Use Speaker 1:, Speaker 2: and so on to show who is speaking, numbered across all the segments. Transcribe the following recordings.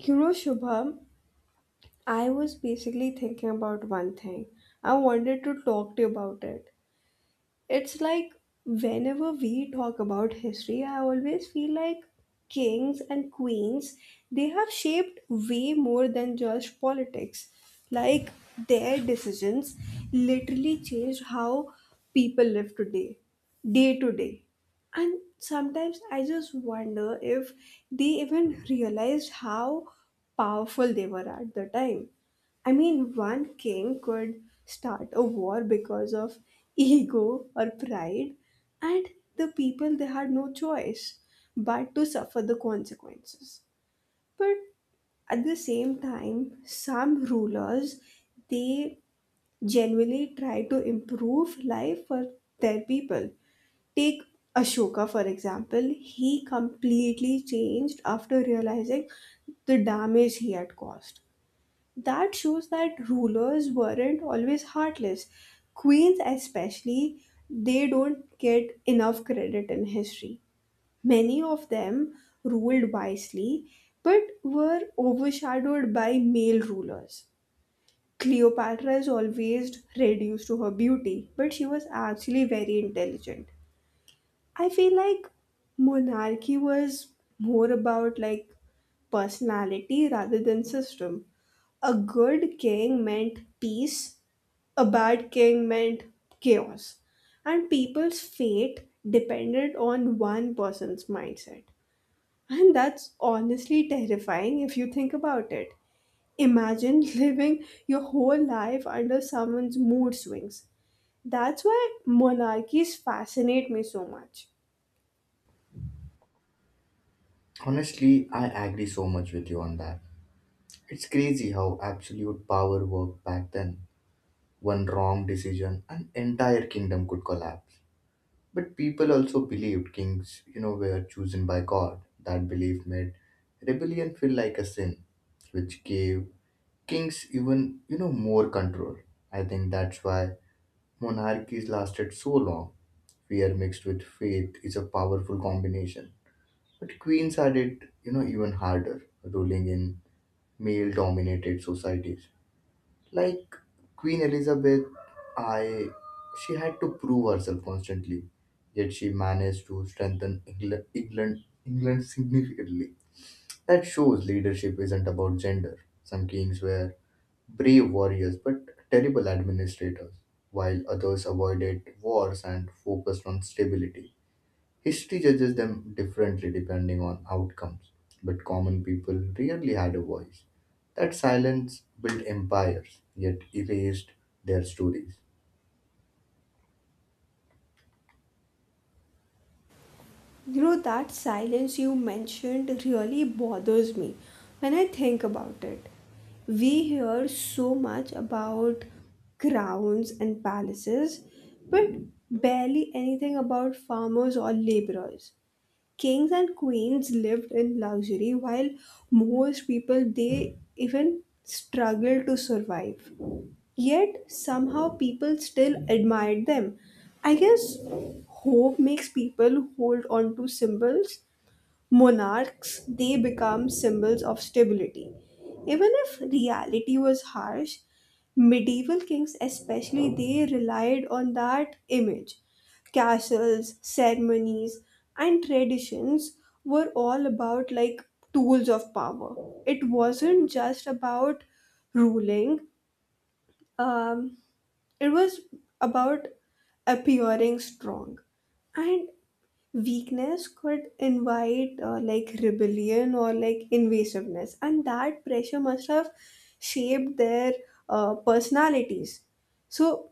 Speaker 1: You know, Shubham, I was basically thinking about one thing. I wanted to talk to you about it. It's like whenever we talk about history, I always feel like kings and queens, they have shaped way more than just politics, like their decisions literally changed how people live today, day to day. And sometimes I just wonder if they even realized how powerful they were at the time. I mean, one king could start a war because of ego or pride, and the people, they had no choice but to suffer the consequences. But at the same time, some rulers, they genuinely try to improve life for their people. Take Ashoka, for example, he completely changed after realizing the damage he had caused. That shows that rulers weren't always heartless. Queens, especially, they don't get enough credit in history. Many of them ruled wisely but were overshadowed by male rulers. Cleopatra is always reduced to her beauty, but she was actually very intelligent. I feel like monarchy was more about like personality rather than system. A good king meant peace, a bad king meant chaos. And people's fate depended on one person's mindset. And that's honestly terrifying if you think about it. Imagine living your whole life under someone's mood swings. That's why monarchies fascinate me so much.
Speaker 2: Honestly, I agree so much with you on that. It's crazy how absolute power worked back then. One wrong decision, an entire kingdom could collapse. But people also believed kings, were chosen by God. That belief made rebellion feel like a sin, which gave kings even more control. I think that's why monarchies lasted so long. Fear mixed with faith is a powerful combination. But queens had it even harder, ruling in male dominated societies, like Queen Elizabeth I. She had to prove herself constantly, yet she managed to strengthen England significantly. That shows leadership isn't about gender. Some kings were brave warriors but terrible administrators, while others avoided wars and focused on stability. History judges them differently depending on outcomes, but common people rarely had a voice. That silence built empires, yet erased their stories.
Speaker 1: You know, that silence you mentioned really bothers me when I think about it. We hear so much about crowns and palaces, but barely anything about farmers or laborers. Kings and queens lived in luxury while most people, they even struggled to survive. Yet somehow people still admired them. I guess hope makes people hold on to symbols. Monarchs, they become symbols of stability, even if reality was harsh. Medieval kings especially, they relied on that image. Castles, ceremonies, and traditions were all about like tools of power. It wasn't just about ruling, um, it was about appearing strong, and weakness could invite like rebellion or like invasiveness. And that pressure must have shaped their personalities. So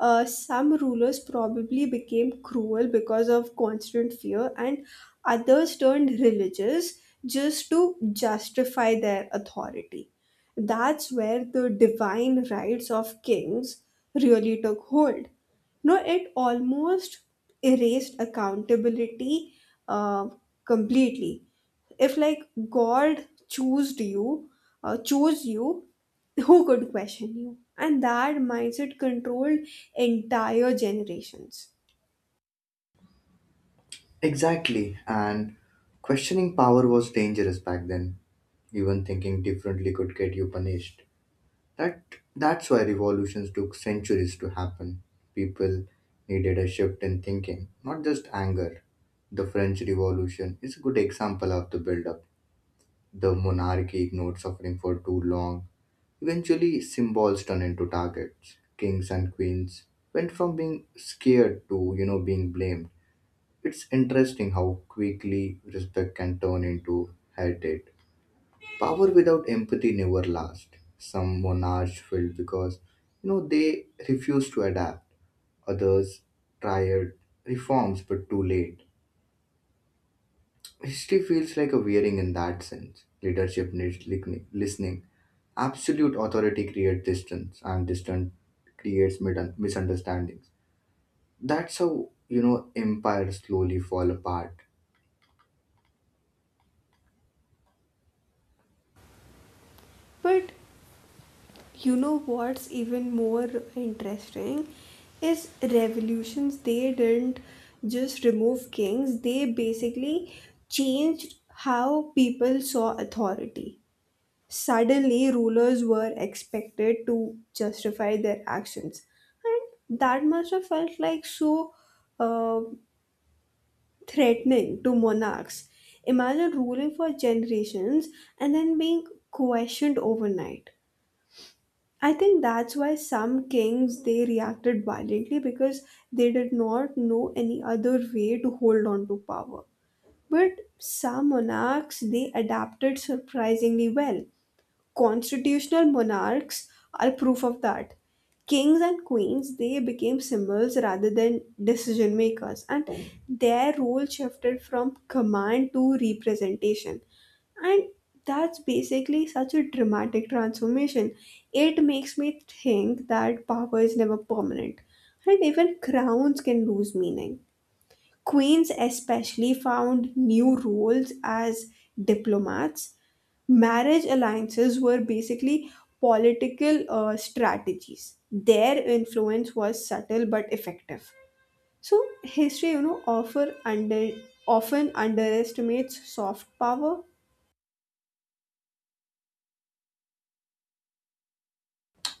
Speaker 1: some rulers probably became cruel because of constant fear, and others turned religious just to justify their authority. That's where the divine rights of kings really took hold. No, it almost erased accountability uh, completely. If like God chose you, chose you, who could question you? And that mindset controlled entire generations.
Speaker 2: Exactly, and questioning power was dangerous back then. Even thinking differently could get you punished. That that's why revolutions took centuries to happen. People needed a shift in thinking, not just anger. The French Revolution is a good example of the build-up. The monarchy ignored suffering for too long. Eventually, symbols turned into targets. Kings and queens went from being scared to, being blamed. It's interesting how quickly respect can turn into hatred. Power without empathy never lasts. Some monarchs failed because they refused to adapt. Others tried reforms but too late. History feels like a wearing in that sense. Leadership needs listening. Absolute authority creates distance, and distance creates misunderstandings. That's how empires slowly fall apart.
Speaker 1: But you know what's even more interesting is revolutions. They didn't just remove kings, they basically changed how people saw authority. Suddenly, rulers were expected to justify their actions. And that must have felt like so uh, threatening to monarchs. Imagine ruling for generations and then being questioned overnight. I think that's why some kings, they reacted violently, because they did not know any other way to hold on to power. But some monarchs, they adapted surprisingly well. Constitutional monarchs are proof of that. Kings and queens, they became symbols rather than decision makers, and their role shifted from command to representation. And that's basically such a dramatic transformation. It makes me think that power is never permanent, and even crowns can lose meaning. Queens, especially, found new roles as diplomats. Marriage alliances were basically political strategies. Their influence was subtle but effective. So history, you know, offer under often underestimates soft power.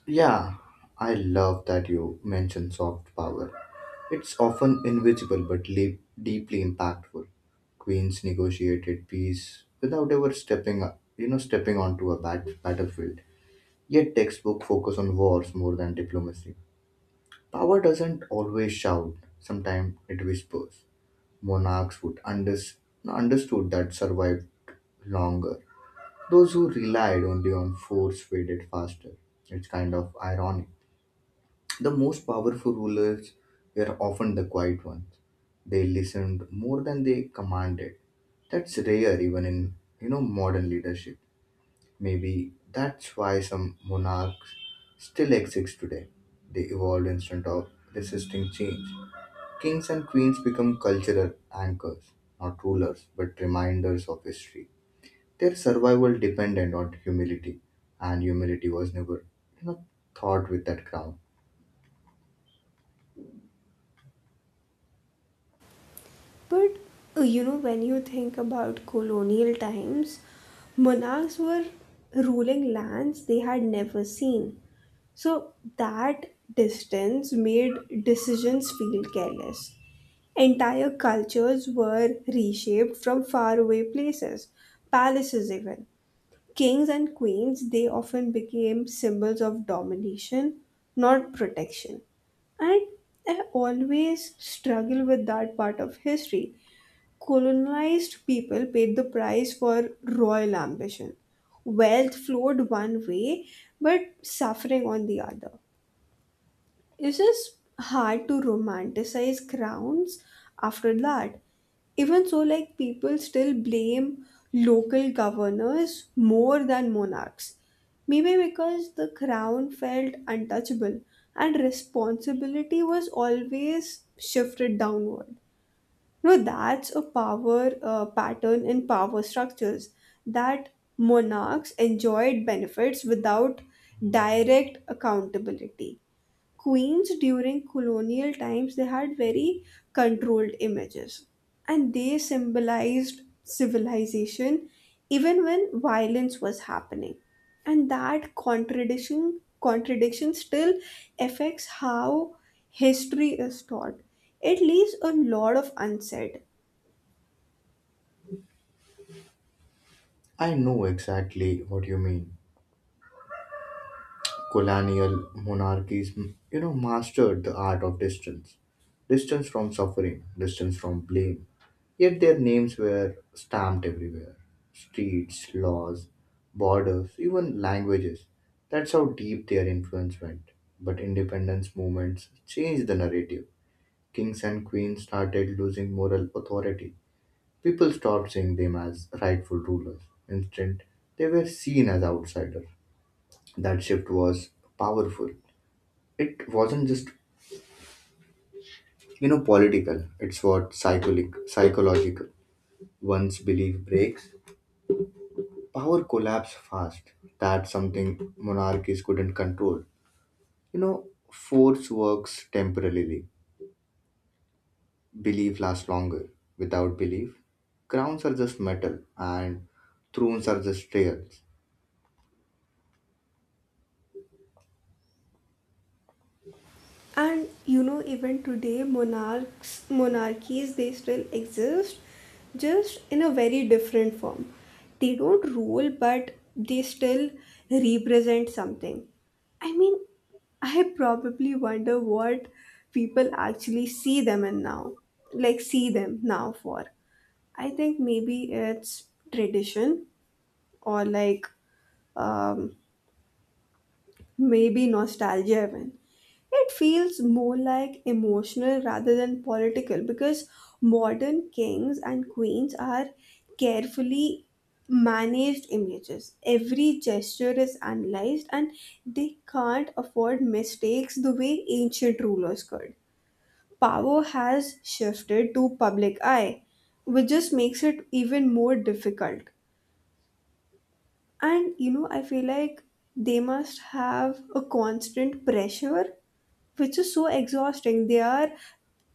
Speaker 2: Yeah, I love that you mention soft power. It's often invisible but deeply impactful. Queens negotiated peace without ever stepping up, stepping onto a battlefield. Yet textbook focus on wars more than diplomacy. Power doesn't always shout, sometimes it whispers. Monarchs would under understood that survived longer. Those who relied only on force faded faster. It's kind of ironic. The most powerful rulers were often the quiet ones. They listened more than they commanded. That's rare even in, modern leadership. Maybe that's why some monarchs still exist today. They evolved instead of resisting change. Kings and queens become cultural anchors, not rulers, but reminders of history. Their survival depended on humility, and humility was never, you know, thought with that crown.
Speaker 1: But you know, when you think about colonial times, monarchs were ruling lands they had never seen. So that distance made decisions feel careless. Entire cultures were reshaped from faraway places, palaces even. Kings and queens, they often became symbols of domination, not protection. And I always struggle with that part of history. Colonized people paid the price for royal ambition. Wealth flowed one way, but suffering on the other. It's hard to romanticize crowns after that. Even so, like people still blame local governors more than monarchs. Maybe because the crown felt untouchable and responsibility was always shifted downward. No, that's a power pattern in power structures, that monarchs enjoyed benefits without direct accountability. Queens during colonial times, they had very controlled images, and they symbolized civilization even when violence was happening. And that contradiction still affects how history is taught. It leaves a lot of unsaid.
Speaker 2: I know exactly what you mean. Colonial monarchies, mastered the art of distance. Distance from suffering, distance from blame. Yet their names were stamped everywhere. Streets, laws, borders, even languages. That's how deep their influence went. But independence movements changed the narrative. Kings and queens started losing moral authority. People stopped seeing them as rightful rulers. Instead, they were seen as outsiders. That shift was powerful. It wasn't just political, it's what psycholic psychological. Once belief breaks, power collapsed fast. That's something monarchies couldn't control. You know, force works temporarily, belief lasts longer. Without belief, crowns are just metal, and thrones are just trails.
Speaker 1: And you know, even today, monarchies, they still exist, just in a very different form. They don't rule, but they still represent something. I mean, I probably wonder what people actually see them now for. I think maybe it's tradition, or like um, maybe nostalgia even. It feels more like emotional rather than political, because modern kings and queens are carefully managed images. Every gesture is analyzed and they can't afford mistakes the way ancient rulers could. Power has shifted to public eye, which just makes it even more difficult. And you know, I feel like they must have a constant pressure which is so exhausting. They are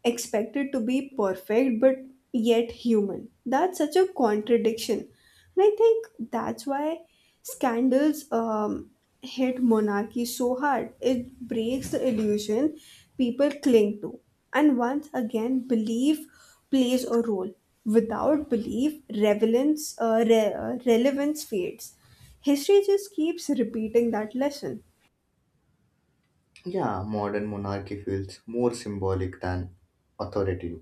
Speaker 1: expected to be perfect but yet human. That's such a contradiction. And I think that's why scandals hit monarchy so hard. It breaks the illusion people cling to. And once again, belief plays a role. Without belief, relevance fades. History just keeps repeating that lesson.
Speaker 2: Yeah, modern monarchy feels more symbolic than authoritative,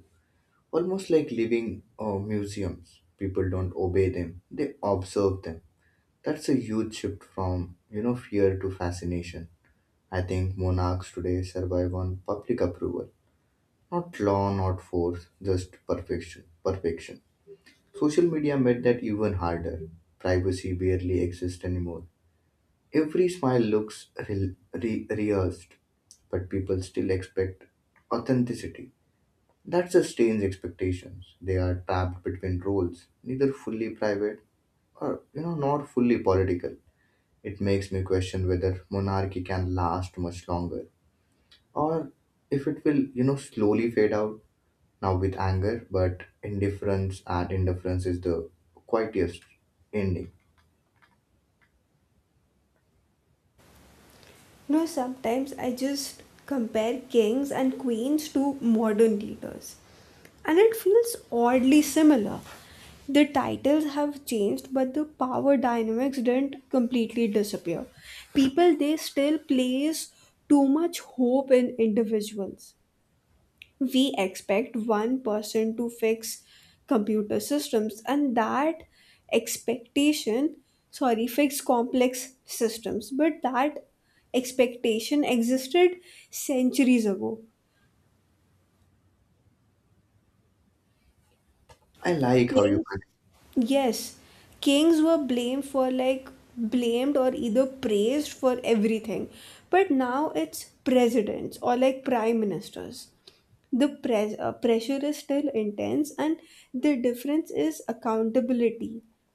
Speaker 2: almost like living, museums. People don't obey them, they observe them. That's a huge shift from fear to fascination. I think monarchs today survive on public approval, not law, not force, just perfection. Perfection. Social media made that even harder. Privacy barely exists anymore. Every smile looks rehearsed, but people still expect authenticity. That's a strange expectations. They are trapped between roles, neither fully private or, not fully political. It makes me question whether monarchy can last much longer, or if it will slowly fade out, now with anger, but indifference, and indifference is the quietest ending.
Speaker 1: No, sometimes I just compare kings and queens to modern leaders, and it feels oddly similar. The titles have changed, but the power dynamics didn't completely disappear. People, they still place too much hope in individuals. We expect one person to fix computer systems and that expectation sorry fix complex systems, but that expectation existed centuries ago.
Speaker 2: I like how you
Speaker 1: Kings,
Speaker 2: connect,
Speaker 1: yes, kings were blamed for like blamed or either praised for everything, but now it's presidents or like prime ministers. The pressure is still intense, and the difference is accountability,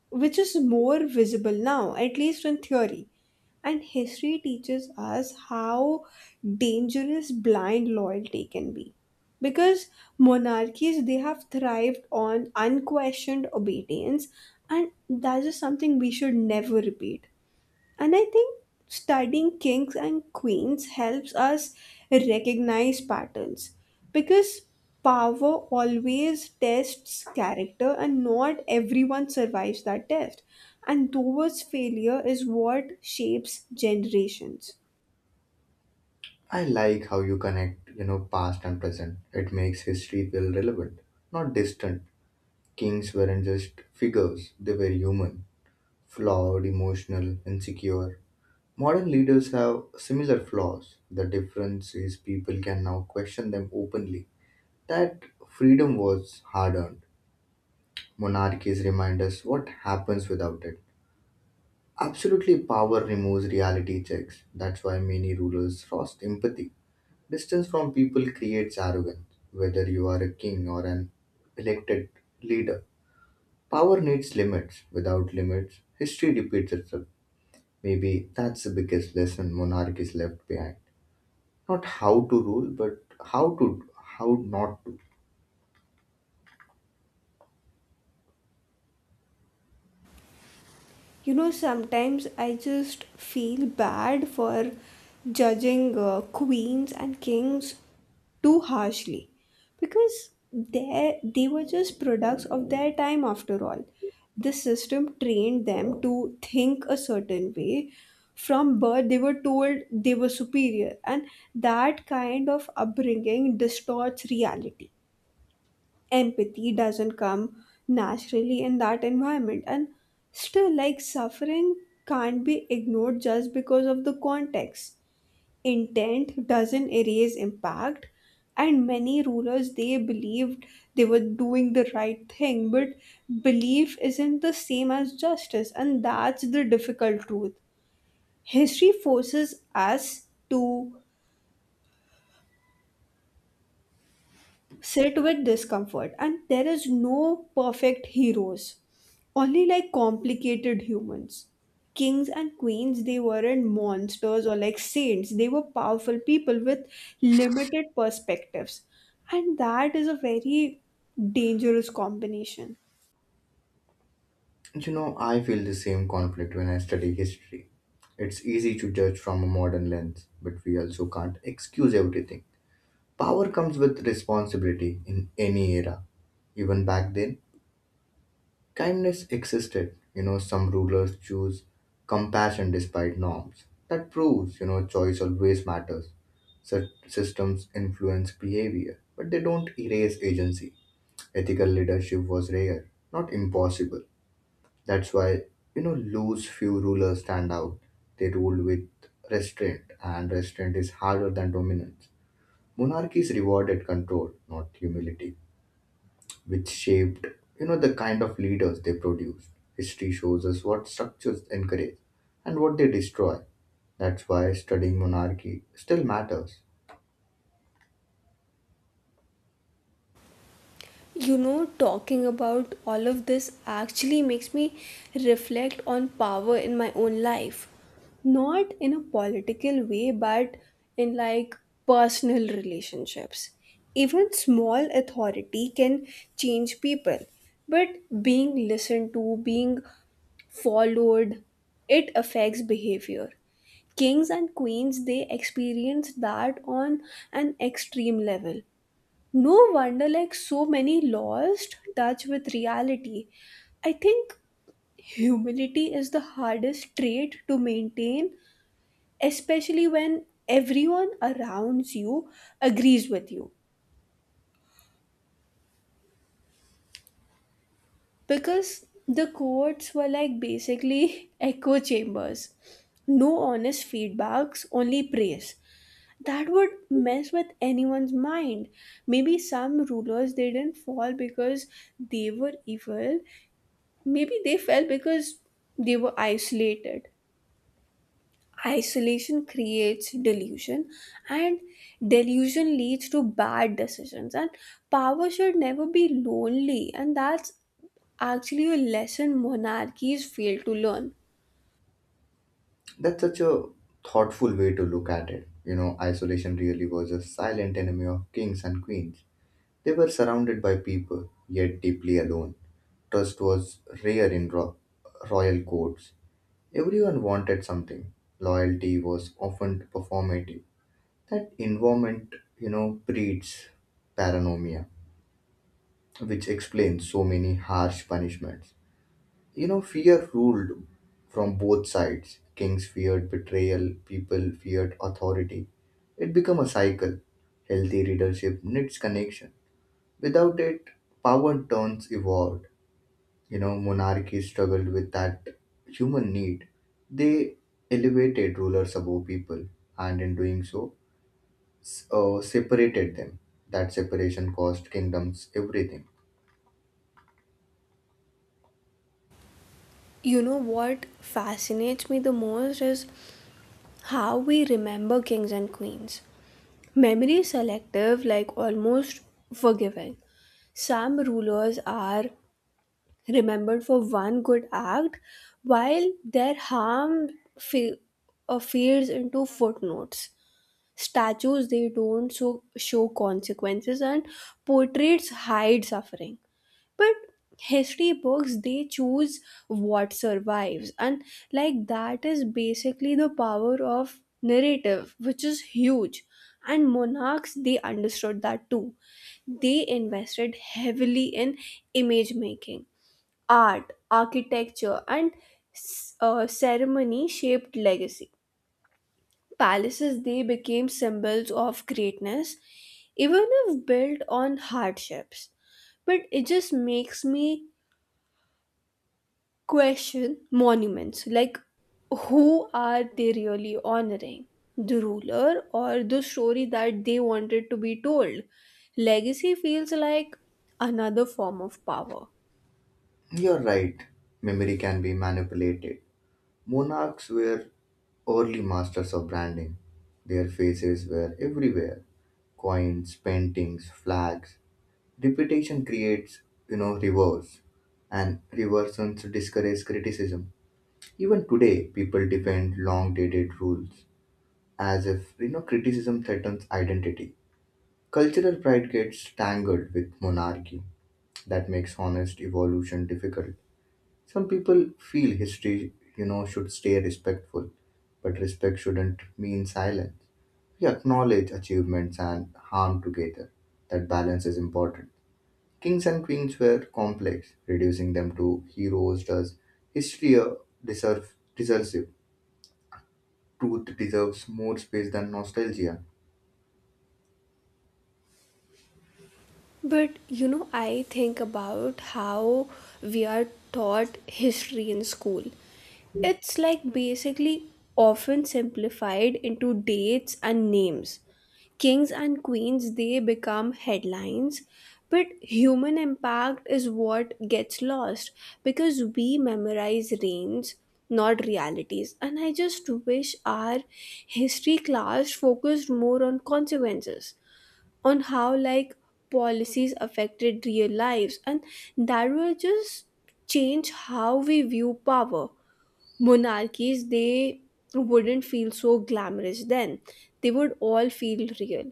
Speaker 1: which is more visible now, at least in theory. And history teaches us how dangerous blind loyalty can be, because monarchies, they have thrived on unquestioned obedience, and that is something we should never repeat. And I think studying kings and queens helps us recognize patterns, because power always tests character and not everyone survives that test. And those failure is what shapes generations.
Speaker 2: I like how you connect past and present. It makes history feel relevant, not distant. Kings weren't just figures, they were human, flawed, emotional, insecure. Modern leaders have similar flaws. The difference is people can now question them openly. That freedom was hard earned. Monarchies remind us what happens without it. Absolutely, power removes reality checks. That's why many rulers lost empathy. Distance from people creates arrogance, whether you are a king or an elected leader. Power needs limits. Without limits, history repeats itself. Maybe that's the biggest lesson monarchies left behind. Not how to rule, but how to how not to.
Speaker 1: You know, sometimes I just feel bad for judging queens and kings too harshly, because they were just products of their time after all. The system trained them to think a certain way. From birth they were told they were superior, and that kind of upbringing distorts reality. Empathy doesn't come naturally in that environment. And still, like, suffering can't be ignored just because of the context. Intent doesn't erase impact, and many rulers, they believed they were doing the right thing, but belief isn't the same as justice, and that's the difficult truth. History forces us to sit with discomfort, and there is no perfect heroes, only like complicated humans. Kings and queens, they weren't monsters or like saints, they were powerful people with limited perspectives, and that is a very dangerous combination.
Speaker 2: You know, I feel the same conflict when I study history. It's easy to judge from a modern lens, but we also can't excuse everything. Power comes with responsibility in any era. Even back then, kindness existed. Some rulers choose compassion despite norms. That proves choice always matters. Such systems influence behavior, but they don't erase agency. Ethical leadership was rare, not impossible. That's why loose few rulers stand out. They ruled with restraint, and restraint is harder than dominance. Monarchies rewarded control, not humility, which shaped the kind of leaders they produced. History shows us what structures encourage and what they destroy. That's why studying monarchy still matters.
Speaker 1: You know, talking about all of this actually makes me reflect on power in my own life. Not in a political way, but in like personal relationships. Even small authority can change people, but being listened to, being followed, it affects behavior. Kings and queens, they experience that on an extreme level. No wonder, like, so many lost touch with reality. I think humility is the hardest trait to maintain, especially when everyone around you agrees with you. Because the courts were like basically echo chambers. No honest feedbacks, only praise. That would mess with anyone's mind. Maybe some rulers, they didn't fall because they were evil, maybe they fell because they were isolated. Isolation creates delusion, and delusion leads to bad decisions. And power should never be lonely, and that's actually a lesson monarchies fail to learn.
Speaker 2: That's such a thoughtful way to look at it. You know, isolation really was a silent enemy of kings and queens. They were surrounded by people, yet deeply alone. Trust was rare in royal courts. Everyone wanted something. Loyalty was often performative. That environment breeds paranoia, which explains so many harsh punishments. You know, fear ruled from both sides. Kings feared betrayal, people feared authority. It became a cycle. Healthy leadership needs connection. Without it, power turns evolved. You know, monarchy struggled with that human need. They elevated rulers above people, and in doing so separated them. That separation cost kingdoms everything.
Speaker 1: You know what fascinates me the most is how we remember kings and queens. Memory is selective, like almost forgiving. Some rulers are remembered for one good act while their harm fe- fades into footnotes. Statues, they don't so show consequences, and portraits hide suffering, but history books, they choose what survives. And like that is basically the power of narrative, which is huge. And monarchs, they understood that too. They invested heavily in image making. Art, architecture, and ceremony shaped legacy. Palaces, they became symbols of greatness, even if built on hardships. But it just makes me question monuments, like who are they really honoring? The ruler or the story that they wanted to be told? Legacy feels like another form of power.
Speaker 2: You're right, memory can be manipulated. Monarchs were early masters of branding. Their faces were everywhere. Coins, paintings, flags. Reputation creates reverse. And reversions discourage criticism. Even today, people defend long dated rules as if criticism threatens identity. Cultural pride gets tangled with monarchy. That makes honest evolution difficult. Some people feel history should stay respectful, but respect shouldn't mean silence. We acknowledge achievements and harm together. That balance is important. Kings and queens were complex. Reducing them to heroes does history a deserve. Truth deserves more space than nostalgia.
Speaker 1: But you know, I think about how we are taught history in school. It's like basically often simplified into dates and names. Kings and queens, they become headlines, but human impact is what gets lost, because we memorize reigns, not realities. And I just wish our history class focused more on consequences, on how policies affected real lives, and that will just change how we view power. Monarchies, they wouldn't feel so glamorous then, they would all feel real.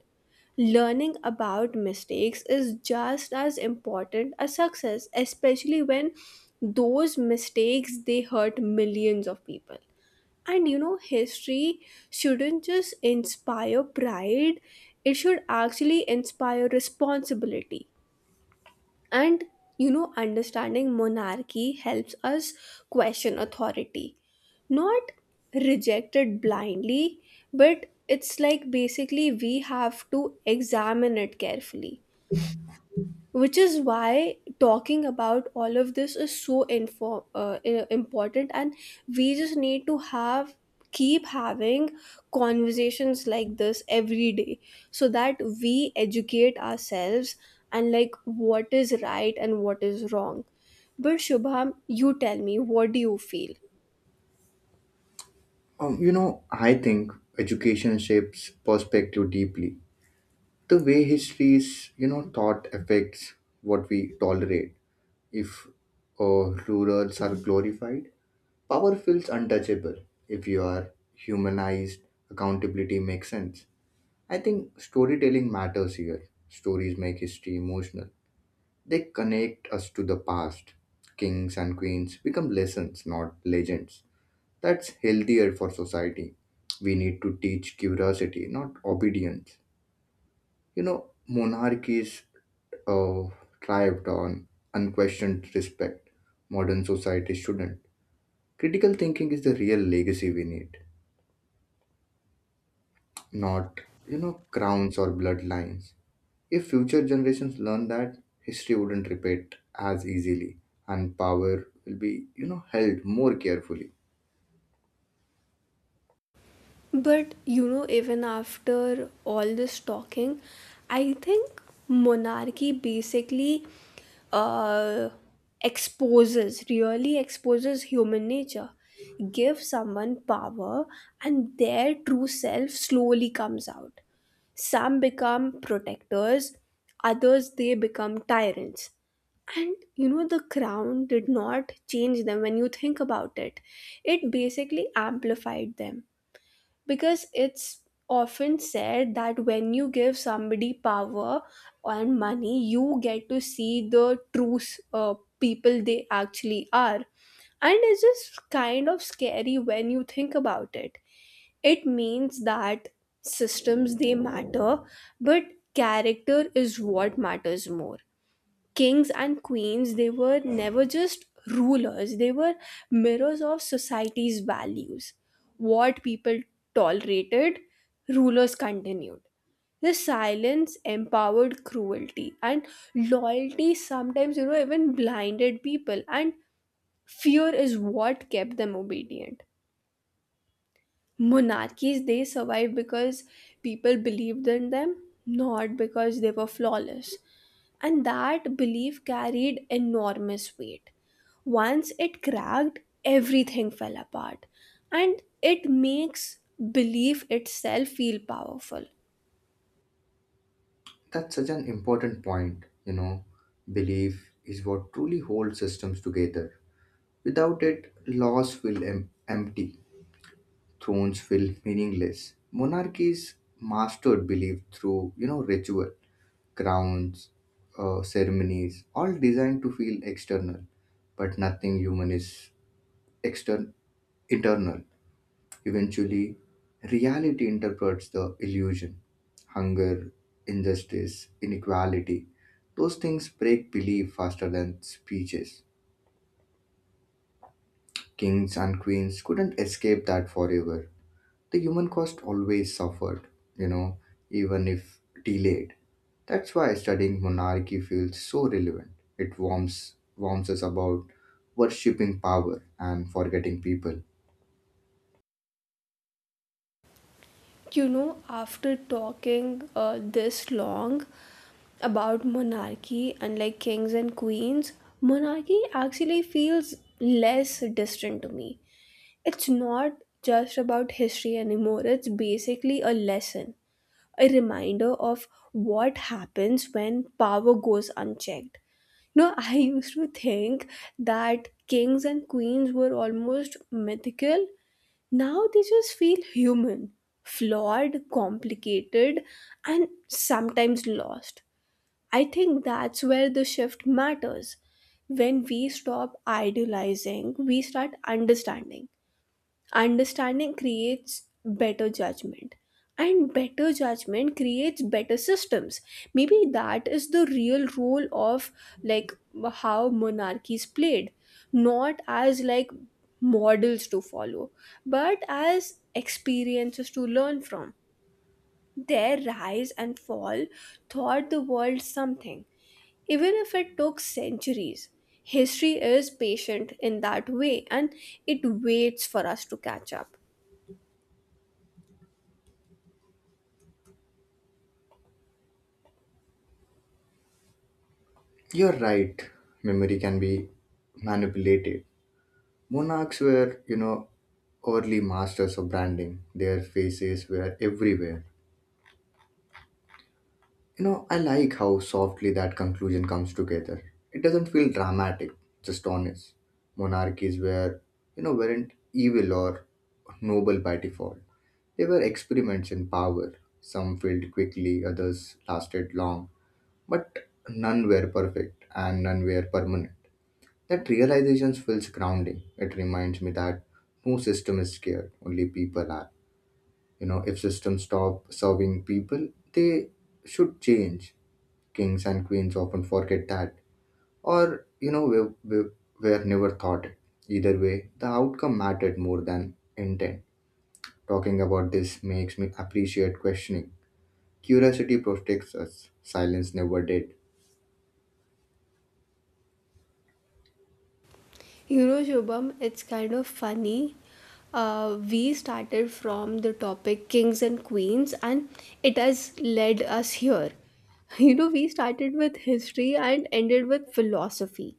Speaker 1: Learning about mistakes is just as important as success, especially when those mistakes, they hurt millions of people. And you know, history shouldn't just inspire pride, it should actually inspire responsibility. And you know, understanding monarchy helps us question authority, not reject it blindly, but it's like basically we have to examine it carefully, which is why talking about all of this is so important. And we just need to have keep having conversations like this every day, so that we educate ourselves and what is right and what is wrong. But Shubham, you tell me, what do you feel?
Speaker 2: You know, I think education shapes perspective deeply. The way history is taught affects what we tolerate. If rurals are glorified, power feels untouchable. If you are humanized, accountability makes sense. I think storytelling matters here. Stories make history emotional. They connect us to the past. Kings and queens become lessons, not legends. That's healthier for society. We need to teach curiosity, not obedience. You know, monarchies uh, thrived on unquestioned respect. Modern society shouldn't. Critical thinking is the real legacy we need, not crowns or bloodlines. If future generations learn that, history wouldn't repeat as easily and power will be held more carefully.
Speaker 1: But you know, even after all this talking, I think monarchy uh, really exposes human nature. Give someone power, and their true self slowly comes out. Some become protectors, others they become tyrants. And you know, the crown did not change them. When you think about it, it basically amplified them, because it's often said that when you give somebody power and money, you get to see the true, uh, people they actually are. And it's just kind of scary when you think about it. It means that systems, they matter, but character is what matters more. Kings and queens, they were never just rulers, they were mirrors of society's values. What people tolerated, rulers continued. This silence empowered cruelty, and loyalty sometimes, you know, even blinded people, and fear is what kept them obedient. Monarchies, they survived because people believed in them, not because they were flawless, and that belief carried enormous weight. Once it cracked, everything fell apart. And it makes belief itself feel powerful.
Speaker 2: That's such an important point. Belief is what truly holds systems together. Without it, laws feel empty, thrones feel meaningless. Monarchies mastered belief through ritual, crowns, ceremonies, all designed to feel external, but nothing human is external, internal. Eventually, reality interprets the illusion. Hunger, injustice, inequality, those things break belief faster than speeches. Kings and queens couldn't escape that forever. The human cost always suffered, you know, even if delayed. That's why studying monarchy feels so relevant. It warms us about worshipping power and forgetting people.
Speaker 1: You know, after talking this long about monarchy and kings and queens, monarchy actually feels less distant to me. It's not just about history anymore, it's basically a lesson, a reminder of what happens when power goes unchecked. You know, I used to think that kings and queens were almost mythical. Now they just feel human, flawed, complicated, and sometimes lost. I think that's where the shift matters. When we stop idealizing, we start understanding. Understanding creates better judgment, and better judgment creates better systems. Maybe that is the real role of, like how monarchies played, not as models to follow, but as experiences to learn from. Their rise and fall taught the world something, even if it took centuries. History is patient in that way, and it waits for us to catch up.
Speaker 2: You're right, memory can be manipulated. Monarchs were, early masters of branding. Their faces were everywhere. You know, I like how softly that conclusion comes together. It doesn't feel dramatic, just honest. Monarchies were weren't evil or noble by default. They were experiments in power. Some failed quickly, others lasted long, but none were perfect and none were permanent. That realization feels grounding. It reminds me that no system is scared, only people are. You know, if systems stop serving people, they should change. Kings and queens often forget that, or you know, we were never taught it. Either way, the outcome mattered more than intent. Talking about this makes me appreciate questioning. Curiosity protects us, silence never did.
Speaker 1: You know, Shubham, it's kind of funny. We started from the topic kings and queens, and it has led us here. You know, we started with history and ended with philosophy.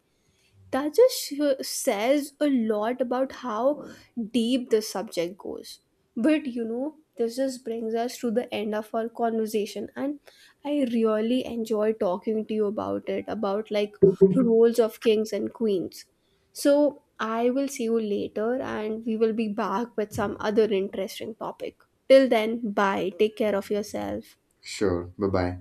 Speaker 1: That just says a lot about how deep the subject goes. But you know, this just brings us to the end of our conversation, and I really enjoy talking to you about it, about roles of kings and queens. So I will see you later, and we will be back with some other interesting topic. Till then, bye, take care of yourself.
Speaker 2: Sure, bye bye.